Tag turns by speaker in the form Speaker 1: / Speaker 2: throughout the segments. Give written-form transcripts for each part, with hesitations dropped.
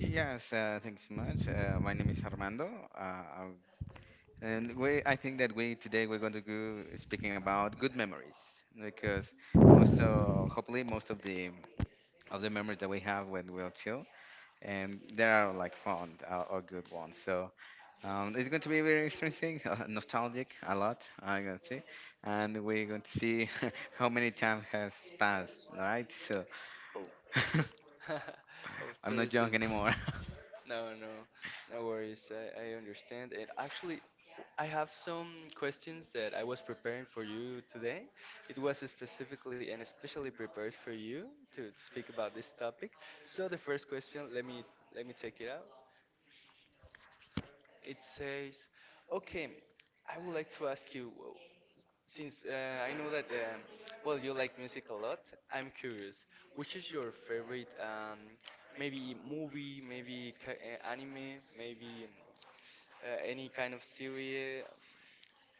Speaker 1: Yes, thanks so much. My name is Armando. uh, i I think that we today we're going to go speaking about good memories, because most hopefully most of the memories that we have when we're chill, and they are like fond or good ones. So it's going to be very interesting, nostalgic a lot. I'm going to see, and we're going to see how many time has passed. All right, so
Speaker 2: Of
Speaker 1: I'm not
Speaker 2: course,
Speaker 1: young
Speaker 2: and
Speaker 1: anymore.
Speaker 2: no, no, no worries. I understand. And actually, I have some questions that I was preparing for you today. It was specifically and especially prepared for you to speak about this topic. So the first question, let me take it out. It says, okay, I would like to ask you, since I know that, well, you like music a lot. I'm curious, which is your favorite, maybe movie, anime, maybe any kind of series,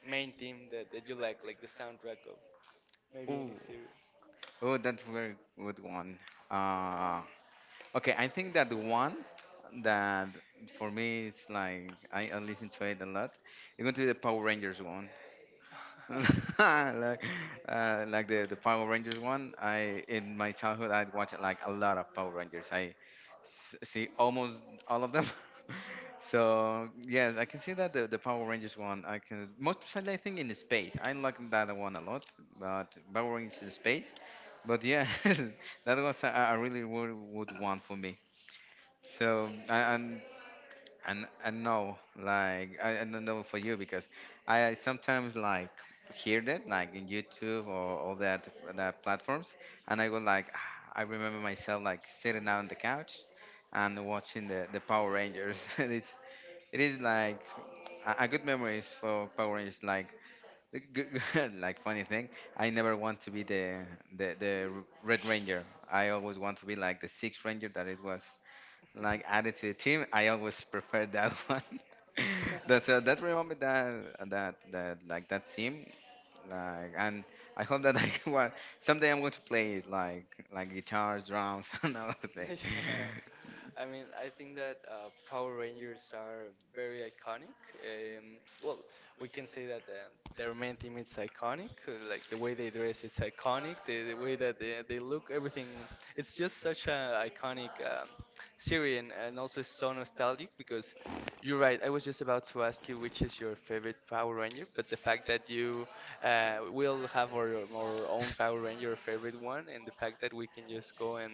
Speaker 2: main theme that you like the soundtrack of maybe
Speaker 1: Ooh.
Speaker 2: any series?
Speaker 1: Oh, that's very good one. Uh, okay, I think that the one that for me it's like I listen to it a lot. It's going to be the Power Rangers one. Like like the Power Rangers one. I in my childhood I'd watch like a lot of Power Rangers. See almost all of them. So yes, I can see that the Power Rangers one. I can most especially I think in the space. I like that one a lot. But Power Rangers in space. But yeah, that was a really would one for me. So and no, like I don't know for you, because I sometimes like hear that like in YouTube or all that platforms, and I go like I remember myself like sitting out on the couch and watching the Power Rangers, and it is like a good memories for Power Rangers. Like the g- like funny thing, I never want to be the Red Ranger. I always want to be like the Sixth Ranger that it was like added to the team. I always prefer that one. That's that reminded me that like that team, like and I hope that I well, someday I'm going to play it like guitars, drums, and other things.
Speaker 2: Yeah. I mean, I think that Power Rangers are very iconic. Um, well, we can say that their main team is iconic. Like the way they dress, it's iconic. The way that they look, everything. It's just such an iconic series, and also so nostalgic because you're right. I was just about to ask you which is your favorite Power Ranger, but the fact that you will have our own Power Ranger, or favorite one, and the fact that we can just go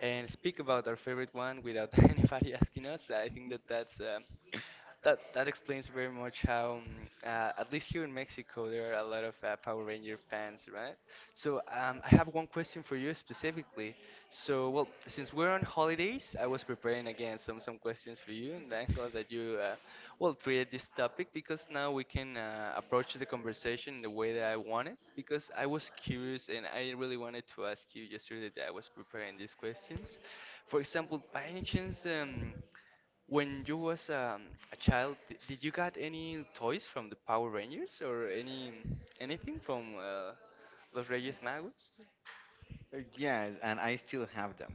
Speaker 2: and speak about our favorite one without anybody asking us. I think that that explains very much how, at least here in Mexico, there are a lot of Power Ranger fans, right? So I have one question for you specifically. So, well, since we're on holidays, I was preparing again some questions for you, and I'm glad that you well treated this topic because now we can approach the conversation in the way that I wanted. Because I was curious and I really wanted to ask you yesterday that I was preparing these questions. For example, by any chance, when you was a child, did you got any toys from the Power Rangers or any anything from Los Reyes Magos?
Speaker 1: Yes, and I still have them.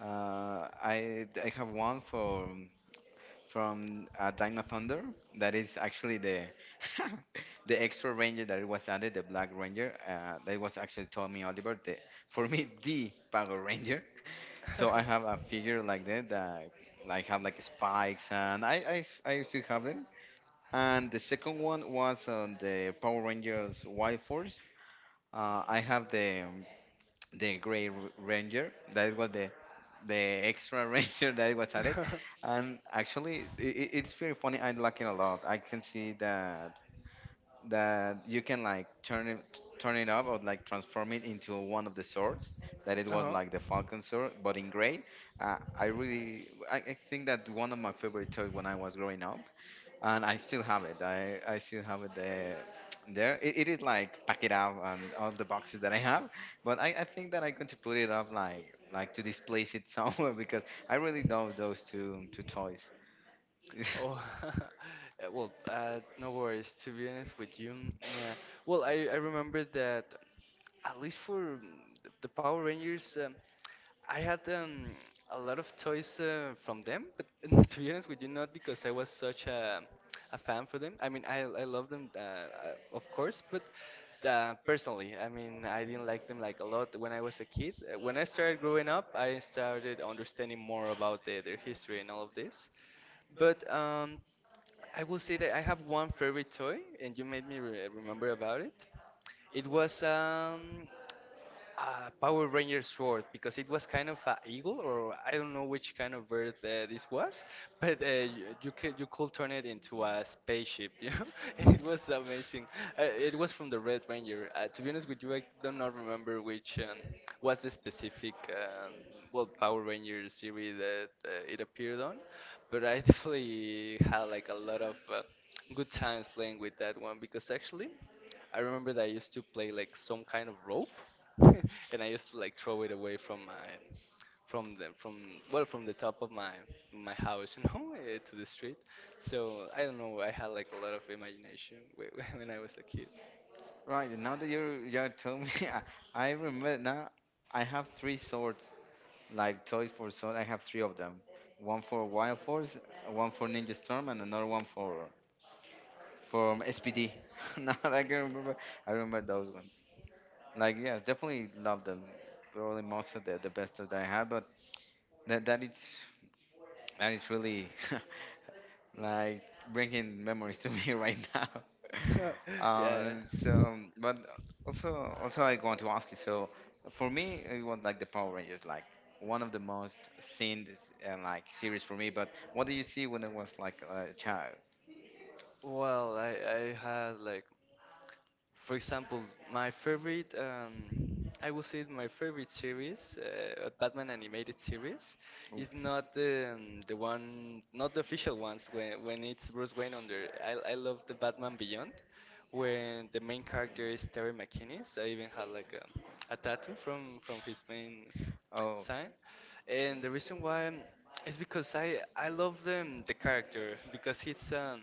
Speaker 1: I have one for from Dino Thunder. That is actually the the extra ranger that was added, the Black Ranger. That was actually Tommy Oliver, the for me the Power Ranger. So I have a figure like that that like have like spikes, and I still have it. And the second one was on the Power Rangers Wild Force. I have the Grey Ranger. That was the extra ranger that was added, and actually it's very funny. I like it a lot. I can see that you can like turn it up or like transform it into one of the swords. That it
Speaker 2: uh
Speaker 1: was
Speaker 2: huh.
Speaker 1: like the Falcon sword, but in gray. I really I think that one of my favorite toys when I was growing up and I still have it. I still have it there. It is like pack it up and all the boxes that I have. But I think that I'm going to put it up like to displace it somewhere because I really love those two toys.
Speaker 2: Oh, well, no worries. To be honest with you, mm, yeah. Well, I remember that at least for mm, the Power Rangers, I had a lot of toys from them, but to be honest with you, not because I was such a fan for them. I mean, I love them, of course, but personally, I mean, I didn't like them like a lot when I was a kid. When I started growing up, I started understanding more about their history and all of this. But I will say that I have one favorite toy, and you made me re remember about it. It was a Power Ranger sword because it was kind of a eagle or I don't know which kind of bird this was, but you could turn it into a spaceship, you know. And it was amazing. It was from the Red Ranger. To be honest with you, I do not remember which was the specific well Power Ranger series that it appeared on, but I definitely had like a lot of good times playing with that one because actually. I remember that I used to play like some kind of rope, and I used to like throw it away from my, from the from well from the top of my house, you know, eh, to the street. So I don't know. I had like a lot of imagination when I was a kid.
Speaker 1: Right, and now that you told me, I remember now. I have three swords like toys for sword. I have three of them. One for Wild Force, one for Ninja Storm, and another one for from SPD. Now that I can remember, I remember those ones. Like yes, definitely love them. Probably most of the best that I had, but that that is that is really like bringing memories to me right now.
Speaker 2: Yeah.
Speaker 1: So, but also I want to ask you. So for me, it was like the Power Rangers, like one of the most seen and like series for me. But what do you see when I was like a child?
Speaker 2: Well, I had like for example, my favorite, I would say my favorite series, Batman animated series,
Speaker 1: Oh.
Speaker 2: is not the not the official ones. When it's Bruce Wayne under, I love the Batman Beyond, when the main character is Terry McInnes. I even had like a tattoo from his main
Speaker 1: Oh.
Speaker 2: sign, and the reason why is because I love the character because he's um.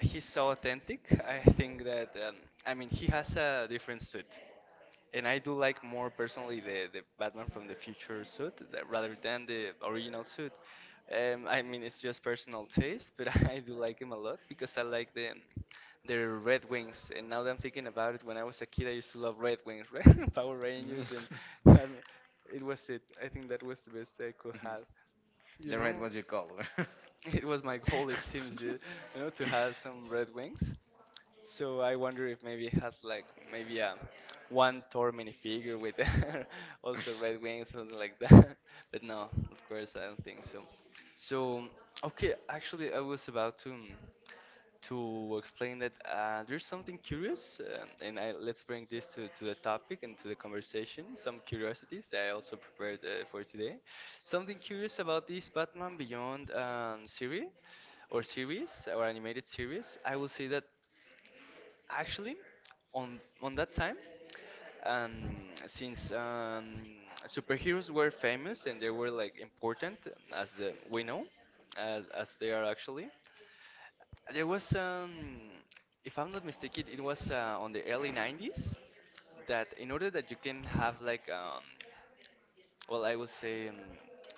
Speaker 2: He's so authentic. I think that I mean he has a different suit, and I do like more personally the Batman from the future suit rather than the original suit. I mean it's just personal taste, but I do like him a lot because I like the Red Wings. And now that I'm thinking about it, when I was a kid, I used to love Red Wings, right? Power
Speaker 1: Mm.
Speaker 2: Rangers, and um, it was it. I think that was the best I could have. You
Speaker 1: The red
Speaker 2: know?
Speaker 1: was your color.
Speaker 2: It was my goal, it seems, you know, to have some red wings. So I wonder if maybe it has like maybe a one Thor minifigure with also red wings, something like that. But no, of course I don't think so. So okay, actually I was about to explain that there's something curious, let's bring this to the topic and to the conversation. Some curiosities that I also prepared for today. Something curious about this Batman Beyond series or animated series. I will say that actually, on that time, since superheroes were famous and they were like important as the we know, as they are actually, there was if I'm not mistaken, it was on the early 90s that in order that you can have like I would say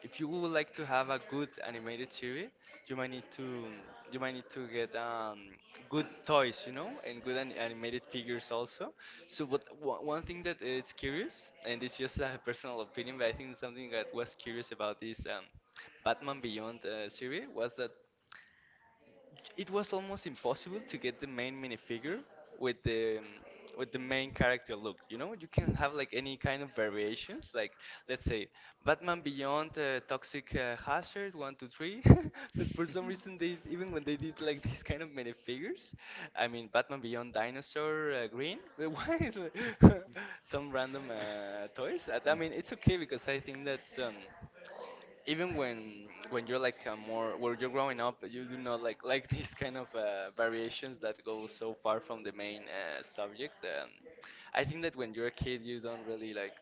Speaker 2: if you would like to have a good animated series, you might need to you might need to get good toys, you know, and good an animated figures also. So, but one thing that it's curious, and it's just a personal opinion, but I think something that was curious about this Batman Beyond series was that it was almost impossible to get the main minifigure with the um, with the main character look. You know, you can have like any kind of variations. Like let's say Batman Beyond, Toxic Hazard, one, two, three. But for some reason, they even when they did like these kind of minifigures, I mean Batman Beyond, Dinosaur, Green. Why is like some random toys? I
Speaker 1: Mm.
Speaker 2: mean, it's okay because I think that's even when you're like a more where you're growing up, you do not like like these kind of variations that go so far from the main subject. I think that when you're a kid, you don't really like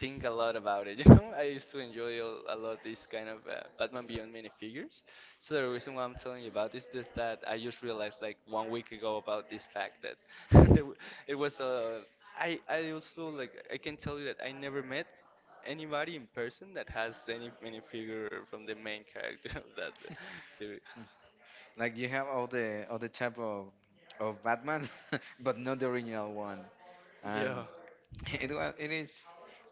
Speaker 2: think a lot about it. You know, I used to enjoy a lot these kind of Batman Beyond minifigures. So the reason why I'm telling you about this is that I just realized like 1 week ago about this fact that there w- it was a. I also like I can tell you that I never met anybody in person that has any minifigure from the main character of that series.
Speaker 1: Like you have all the type of Batman, but not the original one.
Speaker 2: Yeah.
Speaker 1: And it is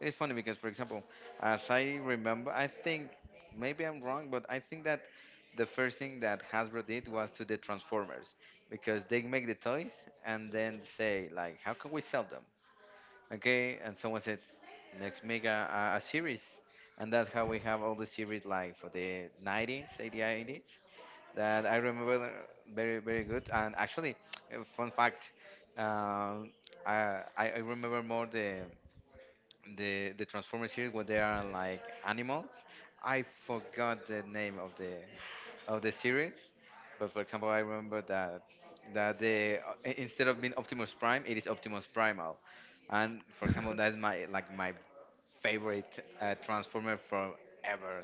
Speaker 1: it is funny because, for example, as I remember, I think maybe I'm wrong, but I think that the first thing that Hasbro did was to the Transformers, because they make the toys and then say like, how can we sell them? Okay, and someone said let's make a series, and that's how we have all the series like for the 90s 80s 80s that I remember very very good. And actually a fun fact, um, I remember more the Transformers series where they are like animals. I forgot the name of the series, but for example, I remember that the instead of being Optimus Prime, it is Optimus Primal, and for example, that's my like my favorite Transformer from ever.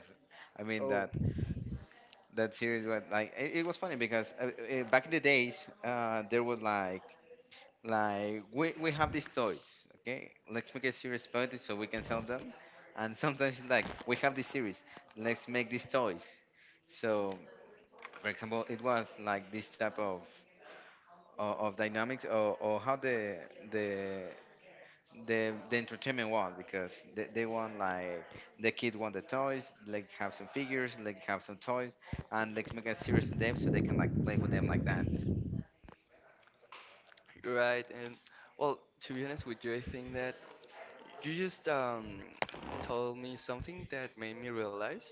Speaker 1: I mean that that series was like it was funny, because back in the days there was like we have these toys. Okay, let's make a series about it so we can sell them. And sometimes it's like we have this series, let's make these toys. So for example, it was like this type of dynamics, or how the the entertainment was, because they want like the kid want the toys, like have some figures, like have some toys, and like make a series of them so they can like play with them like that.
Speaker 2: Right, and well, to be honest with you, I think that you just told me something that made me realize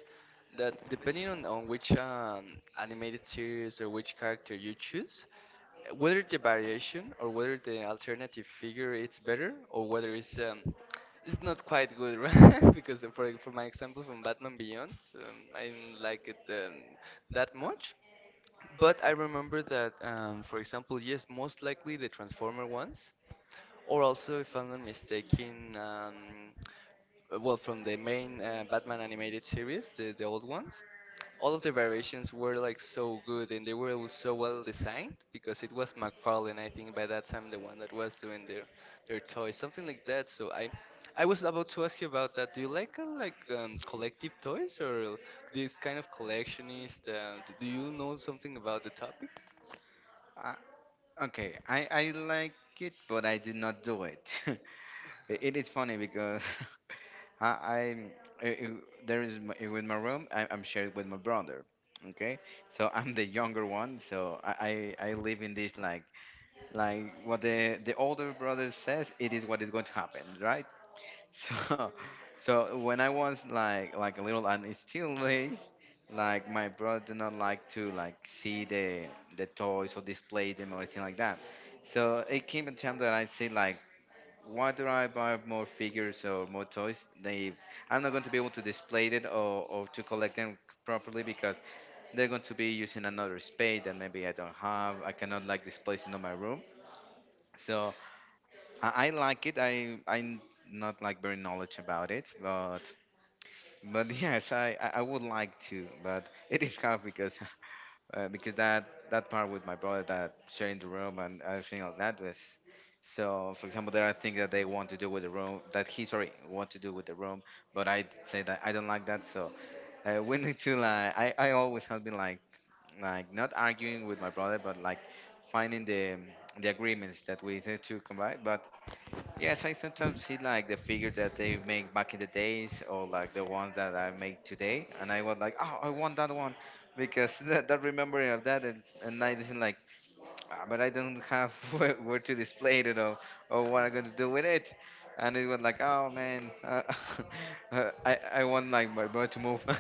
Speaker 2: that depending on which animated series or which character you choose, whether the variation or whether the alternative figure it's better or whether it's not quite good, right? Because for my example from Batman Beyond, I didn't like it that much. But I remember that, for example, yes, most likely the Transformer ones, or also, if I'm not mistaken, from the main Batman animated series, the old ones, all of the variations were like so good and they were so well designed because it was McFarlane, I think, by that time the one that was doing their toys, something like that. So I was about to ask you about that. Do you like collective toys or this kind of collectionist? Do you know something about the topic?
Speaker 1: Okay, I like it, but I do not do it. It is funny because I, I'm I- there is my, with my room. I'm shared with my brother. Okay, so I'm the younger one, so I live in this like what the older brother says. It is what is going to happen, right? So, so when I was like a little and it's still is, like my brother do not like to like see the toys or display them or anything like that. So it came a time that I said like, why do I buy more figures or more toys? They I'm not going to be able to display it or to collect them properly, because they're going to be using another space that maybe I don't have. I cannot like display it in my room. So I like it. I I'm not like very knowledge about it, but yes, I would like to, but it is tough because because that that part with my brother that sharing the room and everything like that was. So, for example, there are things that they want to do with the room that he sorry want to do with the room, but I say that I don't like that. So we need to like I always have been like not arguing with my brother, but like finding the agreements that we need to come by. But yes, I sometimes see like the figures that they make back in the days, or like the ones that I make today, and I was like, oh, I want that one, because that, that remembering of that, and I didn't like, ah, but I don't have where to display it or what I'm gonna do with it, and it was like, oh man, I want like my brother to move.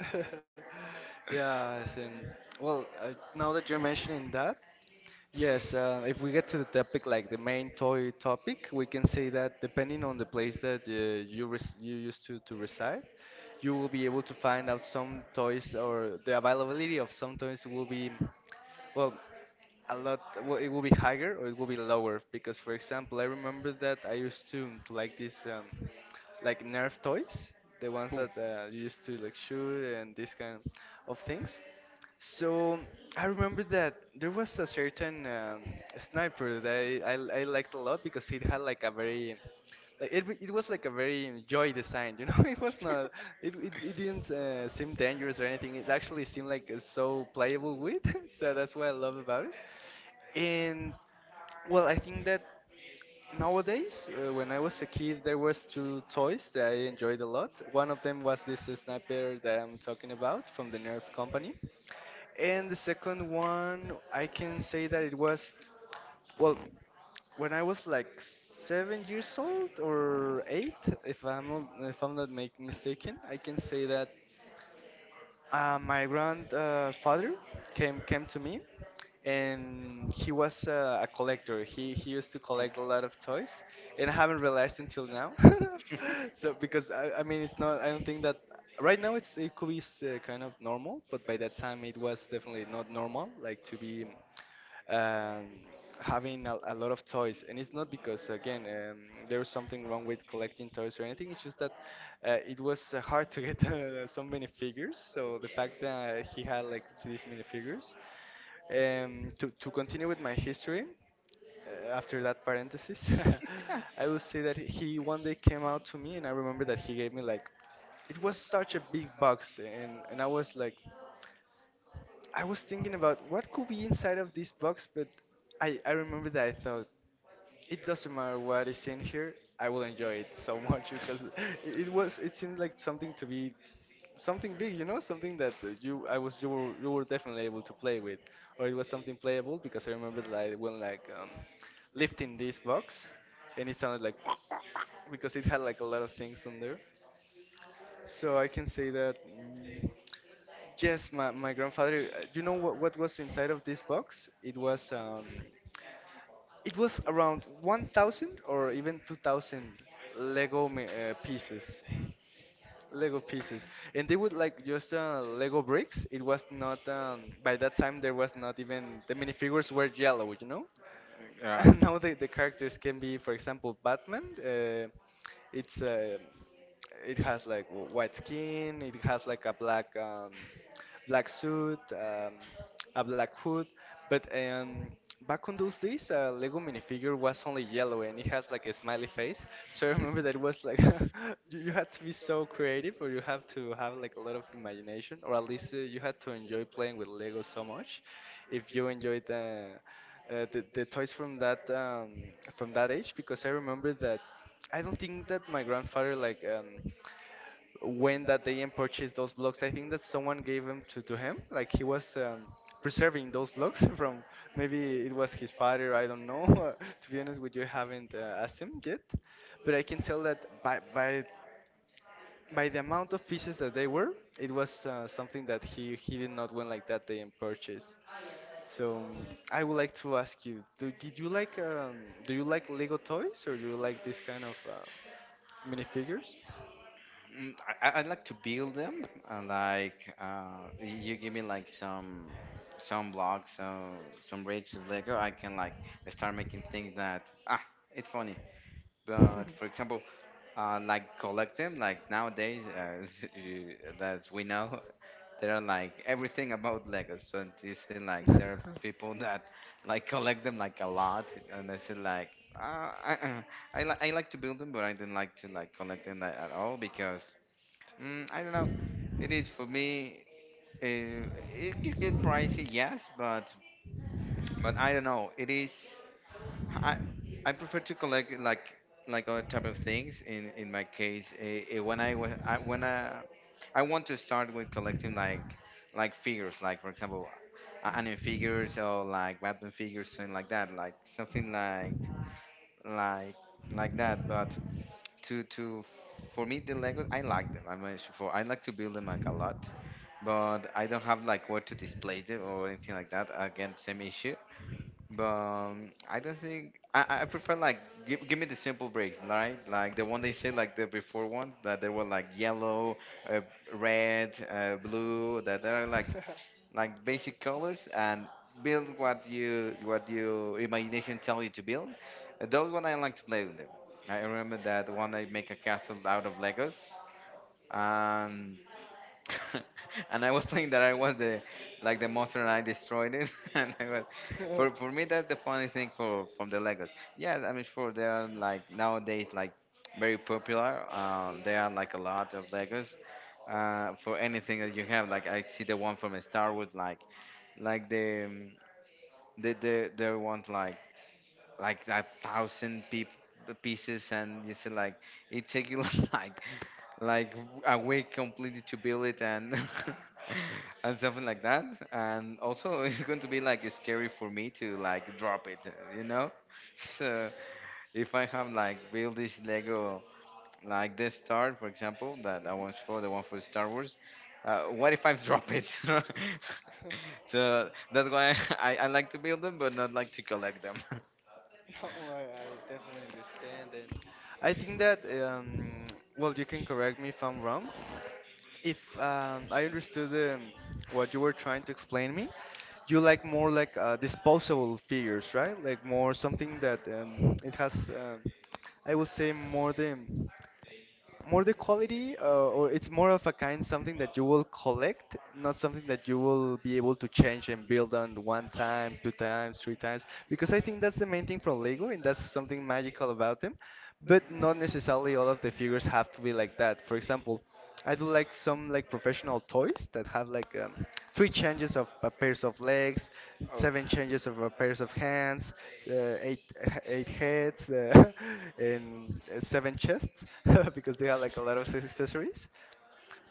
Speaker 2: Yes, and well, now that you're mentioning that, yes, if we get to the topic, like the main toy topic, we can say that depending on the place that you used to reside, you will be able to find out some toys, or the availability of some toys will be, well, a lot well, it will be higher or it will be lower. Because for example, I remember that I used to like these like Nerf toys, the ones
Speaker 1: Ooh.
Speaker 2: that you used to like shoot and this kind of things. So I remember that there was a certain sniper that I liked a lot because it had like a very it was like a very joy design, you know. It was not, it didn't seem dangerous or anything. It actually seemed like so playable with, so that's what I love about it. And well, I think that nowadays, when I was a kid, there was two toys that I enjoyed a lot. One of them was this sniper that I'm talking about from the Nerf company, and the second one, I can say that it was, well, when I was like 7 years old or eight, if I'm not make mistaken, I can say that my grandfather came to me, and he was a collector. He used to collect a lot of toys, and I haven't realized until now. So because I mean, it's not, I don't think that right now it's, it could be kind of normal, but by that time it was definitely not normal like to be um, having a lot of toys. And it's not because, again, there's something wrong with collecting toys or anything. It's just that it was hard to get so many figures. So the fact that he had like these many figures. To continue with my history, after that parenthesis, I will say that he one day came out to me, and I remember that he gave me like, it was such a big box, and I was like, I was thinking about what could be inside of this box. But I remember that I thought, it doesn't matter what is in here, I will enjoy it so much. Because it was, it seemed like something to be something big, you know, something that you I was you were definitely able to play with, or it was something playable. Because I remember like when like lifting this box, and it sounded like because it had like a lot of things on there. So I can say that. Yes, my grandfather. You know what was inside of this box? It was around 1,000 or even 2,000 Lego pieces. Lego pieces, and they would like just Lego bricks. It was not by that time there was not even, the minifigures were yellow, you know.
Speaker 1: Right.
Speaker 2: Now the characters can be, for example, Batman. It's it has like white skin. It has like a black black suit, a black hood. But back on those days, Lego minifigure was only yellow, and it has like a smiley face. So I remember that it was like you had to be so creative, or you have to have like a lot of imagination, or at least you had to enjoy playing with Lego so much. If you enjoyed the toys from that age. Because I remember that I don't think that my grandfather like went that day and purchased those blocks. I think that someone gave them to him. Like he was preserving those blocks from, maybe it was his father. I don't know. To be honest with you, I haven't asked him yet, but I can tell that by the amount of pieces that they were, it was something that he did not win like that day and purchase. So I would like to ask you, did you like do you like Lego toys, or do you like this kind of minifigures?
Speaker 1: Mm, I like to build them. I like you give me like some blocks, some bricks of Lego. I can like start making things that ah, it's funny. But for example, like collect them. Like nowadays, as you, as we know, there are like everything about Legos. So you see, like there are people that like collect them like a lot, and I see like uh, I I like to build them, but I didn't like to like collect them like, at all because mm, I don't know. It is for me. Uh, it could get pricey, yes, but I don't know. It is. I I prefer to collect like other type of things. In my case, when when I want to start with collecting like figures, like for example, anime figures or like Batman figures, something like that, like something like like like that. But to for me the Legos I like them. I'm a, for I like to build them like a lot, but I don't have like where to display them or anything like that. Again, same issue. But I don't think I prefer like give me the simple breaks, right? Like the one they said, like the before ones that they were like yellow, uh, red, blue. That there are like basic colors and build what your imagination tell you to build. And those one I like to play with them. I remember that one I make a castle out of Legos, and and I was playing that I was the the monster and I destroyed it. And I was for me, that's the funny thing for from the Legos. Yes, I'm sure they are like nowadays like very popular. There are like a lot of Legos for anything that you have. Like I see the one from Star Wars, like the the they want like a thousand peop pieces, and you see like it take you like like a week completely to build it, and and something like that, and also it's going to be like scary for me to like drop it, uh, you know so if I have like build this Lego, like the star, for example, that I watched for the one for Star Wars. What if I drop it? So that's why I like to build them, but not like to collect them.
Speaker 2: No, I definitely understand. And I think that well, you can correct me if I'm wrong. If I understood what you were trying to explain me, you like more like disposable figures, right? Like more something that it has, um, I would say more the, more the quality or it's more of a kind, something that you will collect, not something that you will be able to change and build on one time, two times, three times. Because I think that's the main thing from Lego, and that's something magical about them. But not necessarily all of the figures have to be like that. For example, I do like some like professional toys that have like three changes of a pairs of legs, seven changes of a pairs of hands, eight 8 heads, and 7 chests because they have like a lot of accessories.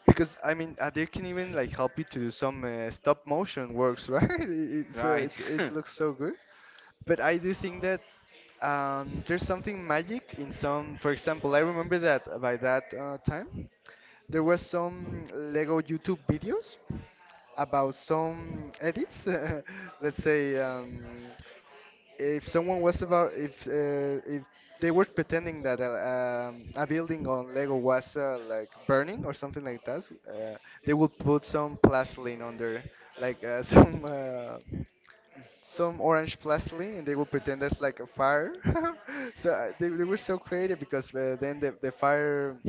Speaker 2: Because I mean, they can even like help you to do some stop motion works, right?
Speaker 1: Oh,
Speaker 2: It's,
Speaker 1: right.
Speaker 2: it's, it looks so good. But I do think that there's something magic in some. For example, I remember that by that time, there was some Lego YouTube videos about some edits. Let's say if someone was about, if they were pretending that a building on Lego was like burning or something like that, they would put some plastiline on there, like some orange plasticine, and they would pretend that's like a fire. So they were so creative, because then the, the fire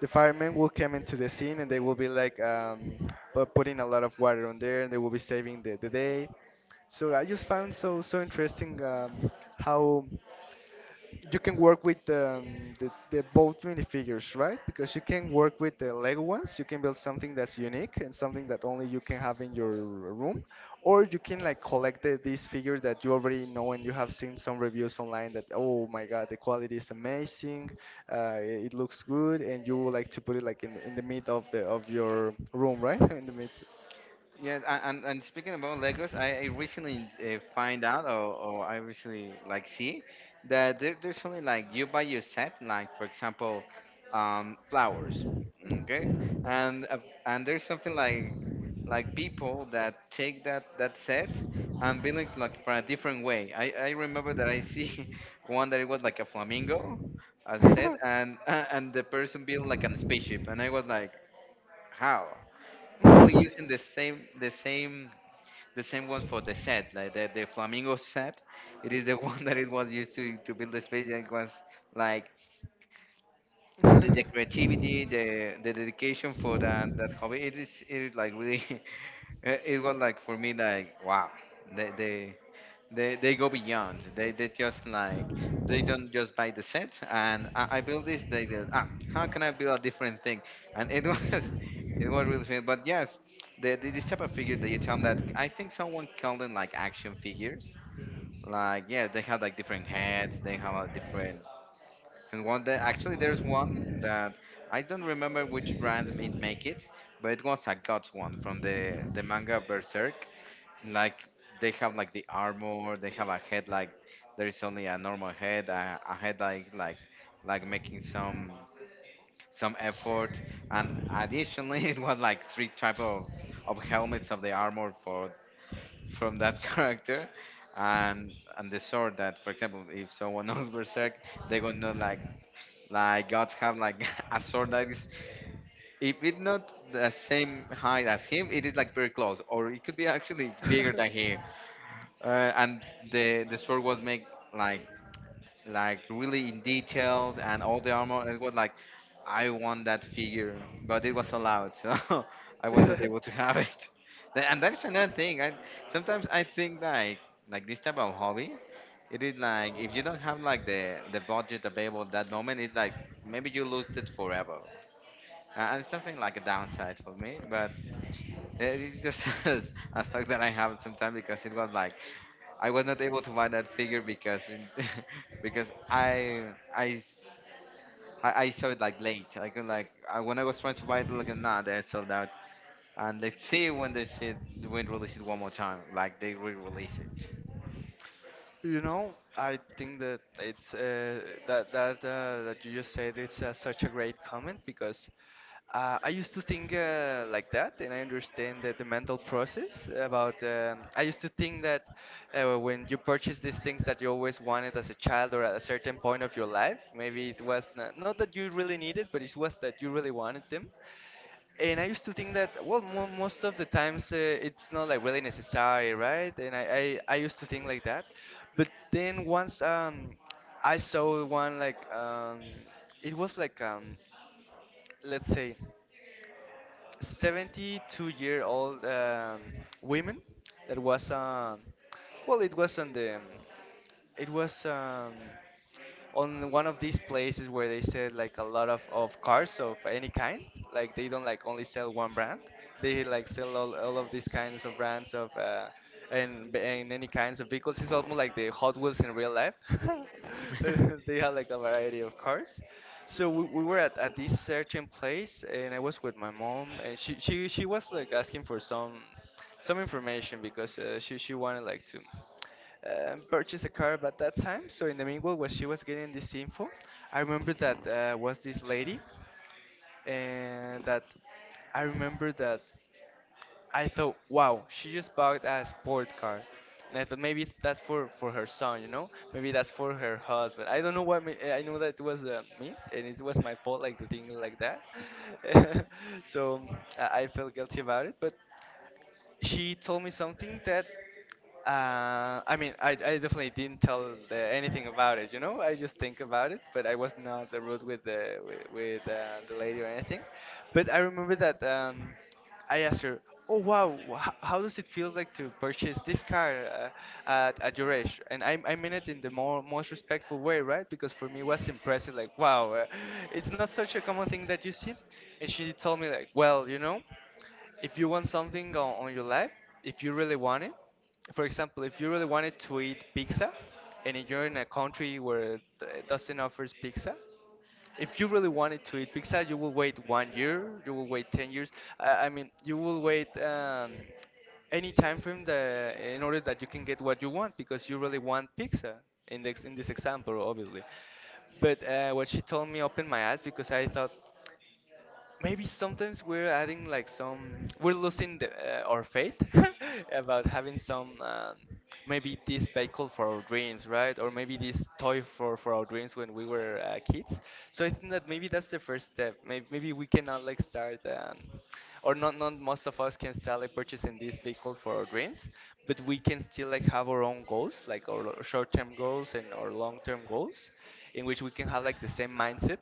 Speaker 2: the firemen will come into the scene, and they will be like putting a lot of water on there, and they will be saving the day. So I just found so so interesting how you can work with the both mini figures, right? Because you can work with the Lego ones. You can build something that's unique and something that only you can have in your room, or you can like collect the, these figures that you already know and you have seen some reviews online that, oh my god, the quality is amazing, it it looks good, and you would like to put it like in the mid of the of your room, right? In the
Speaker 1: Yes, and speaking about Legos, I recently find out, or I recently like see that there's only like you buy your set, like, for example, flowers, okay, and uh, and there's something like people that take that set and build it like for a different way. I remember that I see one that it was like a flamingo, a set, and and the person built like a spaceship, and I was like, how? Only using the same the same ones for the set, like the flamingo set. It is the one that it was used to build the space. And it was like the creativity,
Speaker 2: mid.
Speaker 1: the dedication for that hobby. It is like really, it was like for me like, wow, they they they go beyond. They just like they don't just buy the set and, I build this. They go, ah, how can I build a different thing? And it was it was really fun. But yes, the this type of figure that you tell them that, I think someone called them like action figures. Like, yes, they have like different heads. They have a different, and one that actually there's one that I don't remember which brand it make it, but it was a Guts one from the manga Berserk. Like, they have like the armor, they have a head like, there is only a normal head, a head like making some effort, and additionally it was like three type of helmets of the armor for from that character. And, and the sword that, for example, if someone knows Berserk, they gonna know like Gods have like a sword that is, if it's not the same height as him, it is like very close, or it could be actually bigger than him. And the sword was made like really in details and all the armor. And it was like, I want that figure, but it was allowed, so I was not able to have it. And that is another thing. I sometimes I think like this type of hobby, it is like, if you don't have like the budget available at that moment, it's like maybe you lose it forever. And it's something like a downside for me, but it's just a fact that I have sometimes because it was like I was not able to buy that figure because I s- I saw it like late. Like I, when I was trying to buy it, like, nah, they sold out. And let's see when they said when they release it one more time, like they re-release
Speaker 2: You know, I think that it's that you just said it's such a great comment. Because I used to think like that, and I understand that the mental process about. I used to think that when you purchase these things that you always wanted as a child or at a certain point of your life, maybe it was not, not that you really needed, but it was that you really wanted them. And I used to think that, well, most of the times it's not like really necessary, right? And I used to think like that, but then once I saw one like it was like let's say 72-year-old women that was well, it was on the, it was on one of these places where they sell like a lot of cars of any kind. Like they don't like only sell one brand, they like sell all of these kinds of brands of and any kinds of vehicles. It's almost like the Hot Wheels in real life.
Speaker 1: it.
Speaker 2: They have like a variety of cars. So we were at this certain place, and I was with my mom, and she was like asking for some information, because she wanted like to purchase a car at that time. So in the meanwhile, when she was getting this info, I remember that was this lady, and that I remember that I thought, wow, she just bought a sport car. And I thought maybe it's that's for her son, you know, maybe that's for her husband. I don't know what me, I know that it was me, and it was my fault, like to think like that. So I felt guilty about it, but she told me something that I mean, I definitely didn't tell the, anything about it, you know. I just think about it, but I was not the rude with the lady or anything. But I remember that I asked her, "Oh wow, how does it feel like to purchase this car at your age?" And I mean it in the more most respectful way, right? Because for me it was impressive, like wow, it's not such a common thing that you see. And she told me like, "Well, you know." If you want something on your life, if you really want it, for example, if you really wanted to eat pizza, and you're in a country where it doesn't offers pizza, if you really wanted to eat pizza, you will wait one year, you will wait 10 years. I mean, you will wait any time frame that, in order that you can get what you want because you really want pizza in this example, obviously. But what she told me opened my eyes because I thought maybe sometimes we're adding like some, we're losing the, our faith about having some, maybe this vehicle for our dreams, right? Or maybe this toy for our dreams when we were kids. So I think that maybe that's the first step. Maybe we cannot like start, or not, not most of us can start like purchasing this vehicle for our dreams, but we can still like have our own goals, like our short-term goals and our long-term goals in which we can have like the same mindset.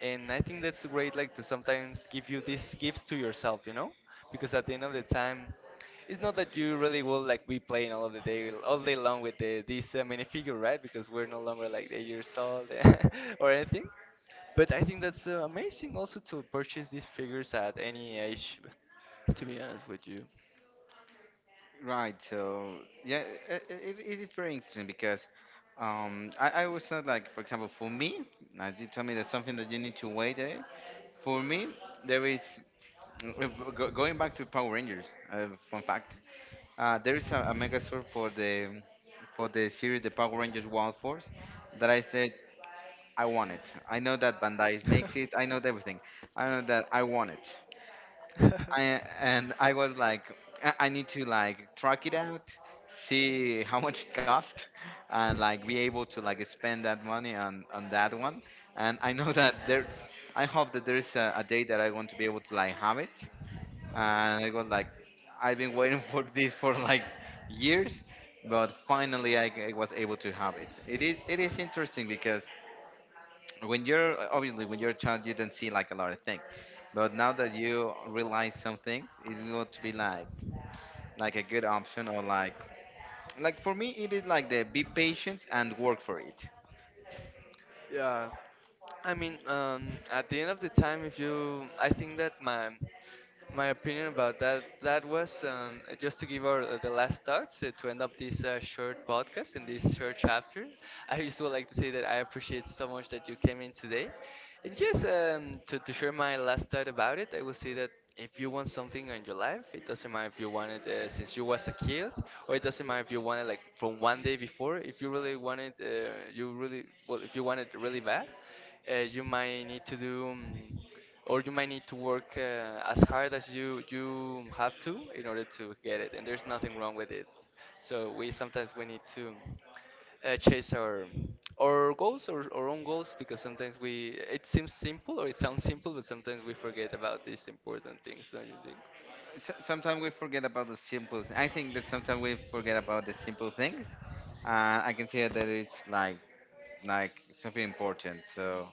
Speaker 2: And I think that's great, like to sometimes give you these gifts to yourself. Because at the end of the time, it's not that you really will like be playing all of the day all day long with this minifigure, right? Because we're no longer like 8 years old or anything, but I think that's amazing also to purchase these figures at any age, to be honest with you.
Speaker 1: Right. So yeah, it is very interesting because I was not like, for example, for me, as you told me, that's something that you need to wait. Eh? For me, there is going back to Power Rangers. Fun fact. There is a Megazord for the series The Power Rangers Wild Force that I said I want it. I know that Bandai makes it. I know everything. I know that I want it.
Speaker 2: I
Speaker 1: And I was like, I need to like track it out, see how much it cost, and like be able to like spend that money on that one. And I know that there, I hope that there is a day that I want to be able to like have it, and I was like, I've been waiting for this for like years, but finally, I was able to have it. It is interesting because when you're, obviously, when you're a child, you don't see like a lot of things, but now that you realize some things, it's going to be like a good option, or like for me it is like, the be patient and work for it.
Speaker 2: yeah. I mean, at the end of the time, if you, I think that my opinion about that was just to give our the last thoughts to end up this short podcast in this short chapter. I just would like to say that I appreciate so much that you came in today, and just to share my last thought about it, I will say that. If you want something in your life, it doesn't matter if you want it since you was a kid, or it doesn't matter if you want it like from one day before. If you really want it, you really well. If you want it really bad, you might need to do or you might need to work as hard as you have to in order to get it. And there's nothing wrong with it. So we sometimes we need to chase our goals or our own goals, because sometimes we, it seems simple or it sounds simple, but sometimes we forget about these important things, don't you think?
Speaker 1: S Sometimes we forget about the simple. I think that sometimes we forget about the simple things. I can see that it's like like something important. So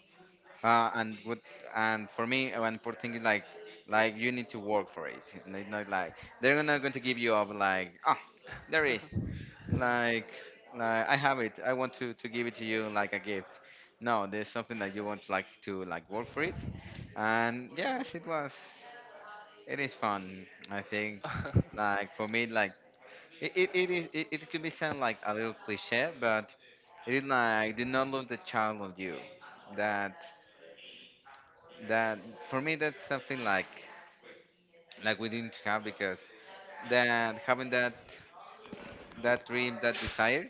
Speaker 1: and good, and for me, one important thing is like you need to work for it. And it's not like they're not going to give you up like, ah, there is like I have it. I want to give it to you like a gift. No, there's something that you want like to like work for it. And yes, it was it is fun. I think like for me like, it is it could be sound like a little cliche, but it is like, do not lose the child of you. That that for me that's something like we didn't have because that having that that dream, that desire,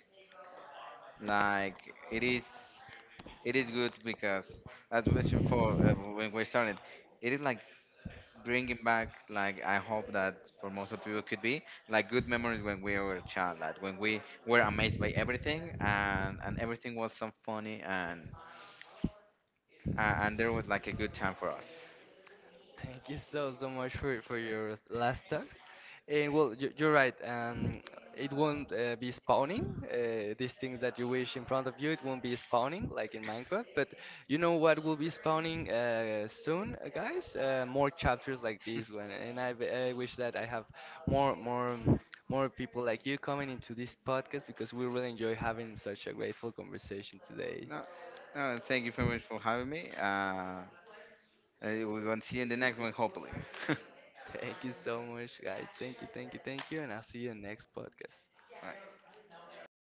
Speaker 1: like it is good because, as mentioned before, when we started, it is like bringing back, like, I hope that for most of you it could be like good memories when we were a child, like when we were amazed by everything, and everything was so funny, and there was like a good time for us.
Speaker 2: Thank you so so much for your last talks. And well, you, you're right. It won't be spawning. These things that you wish in front of you, it won't be spawning like in Minecraft. But you know what will be spawning soon, guys? More chapters like this one. And I wish that I have more more people like you coming into this podcast, because we really enjoy having such a grateful conversation today.
Speaker 1: No, no, thank you very much for having me, we will see you in the next one, hopefully.
Speaker 2: Thank you so much, guys. Thank you, thank you, thank you, and I'll see you in next podcast.
Speaker 1: Bye.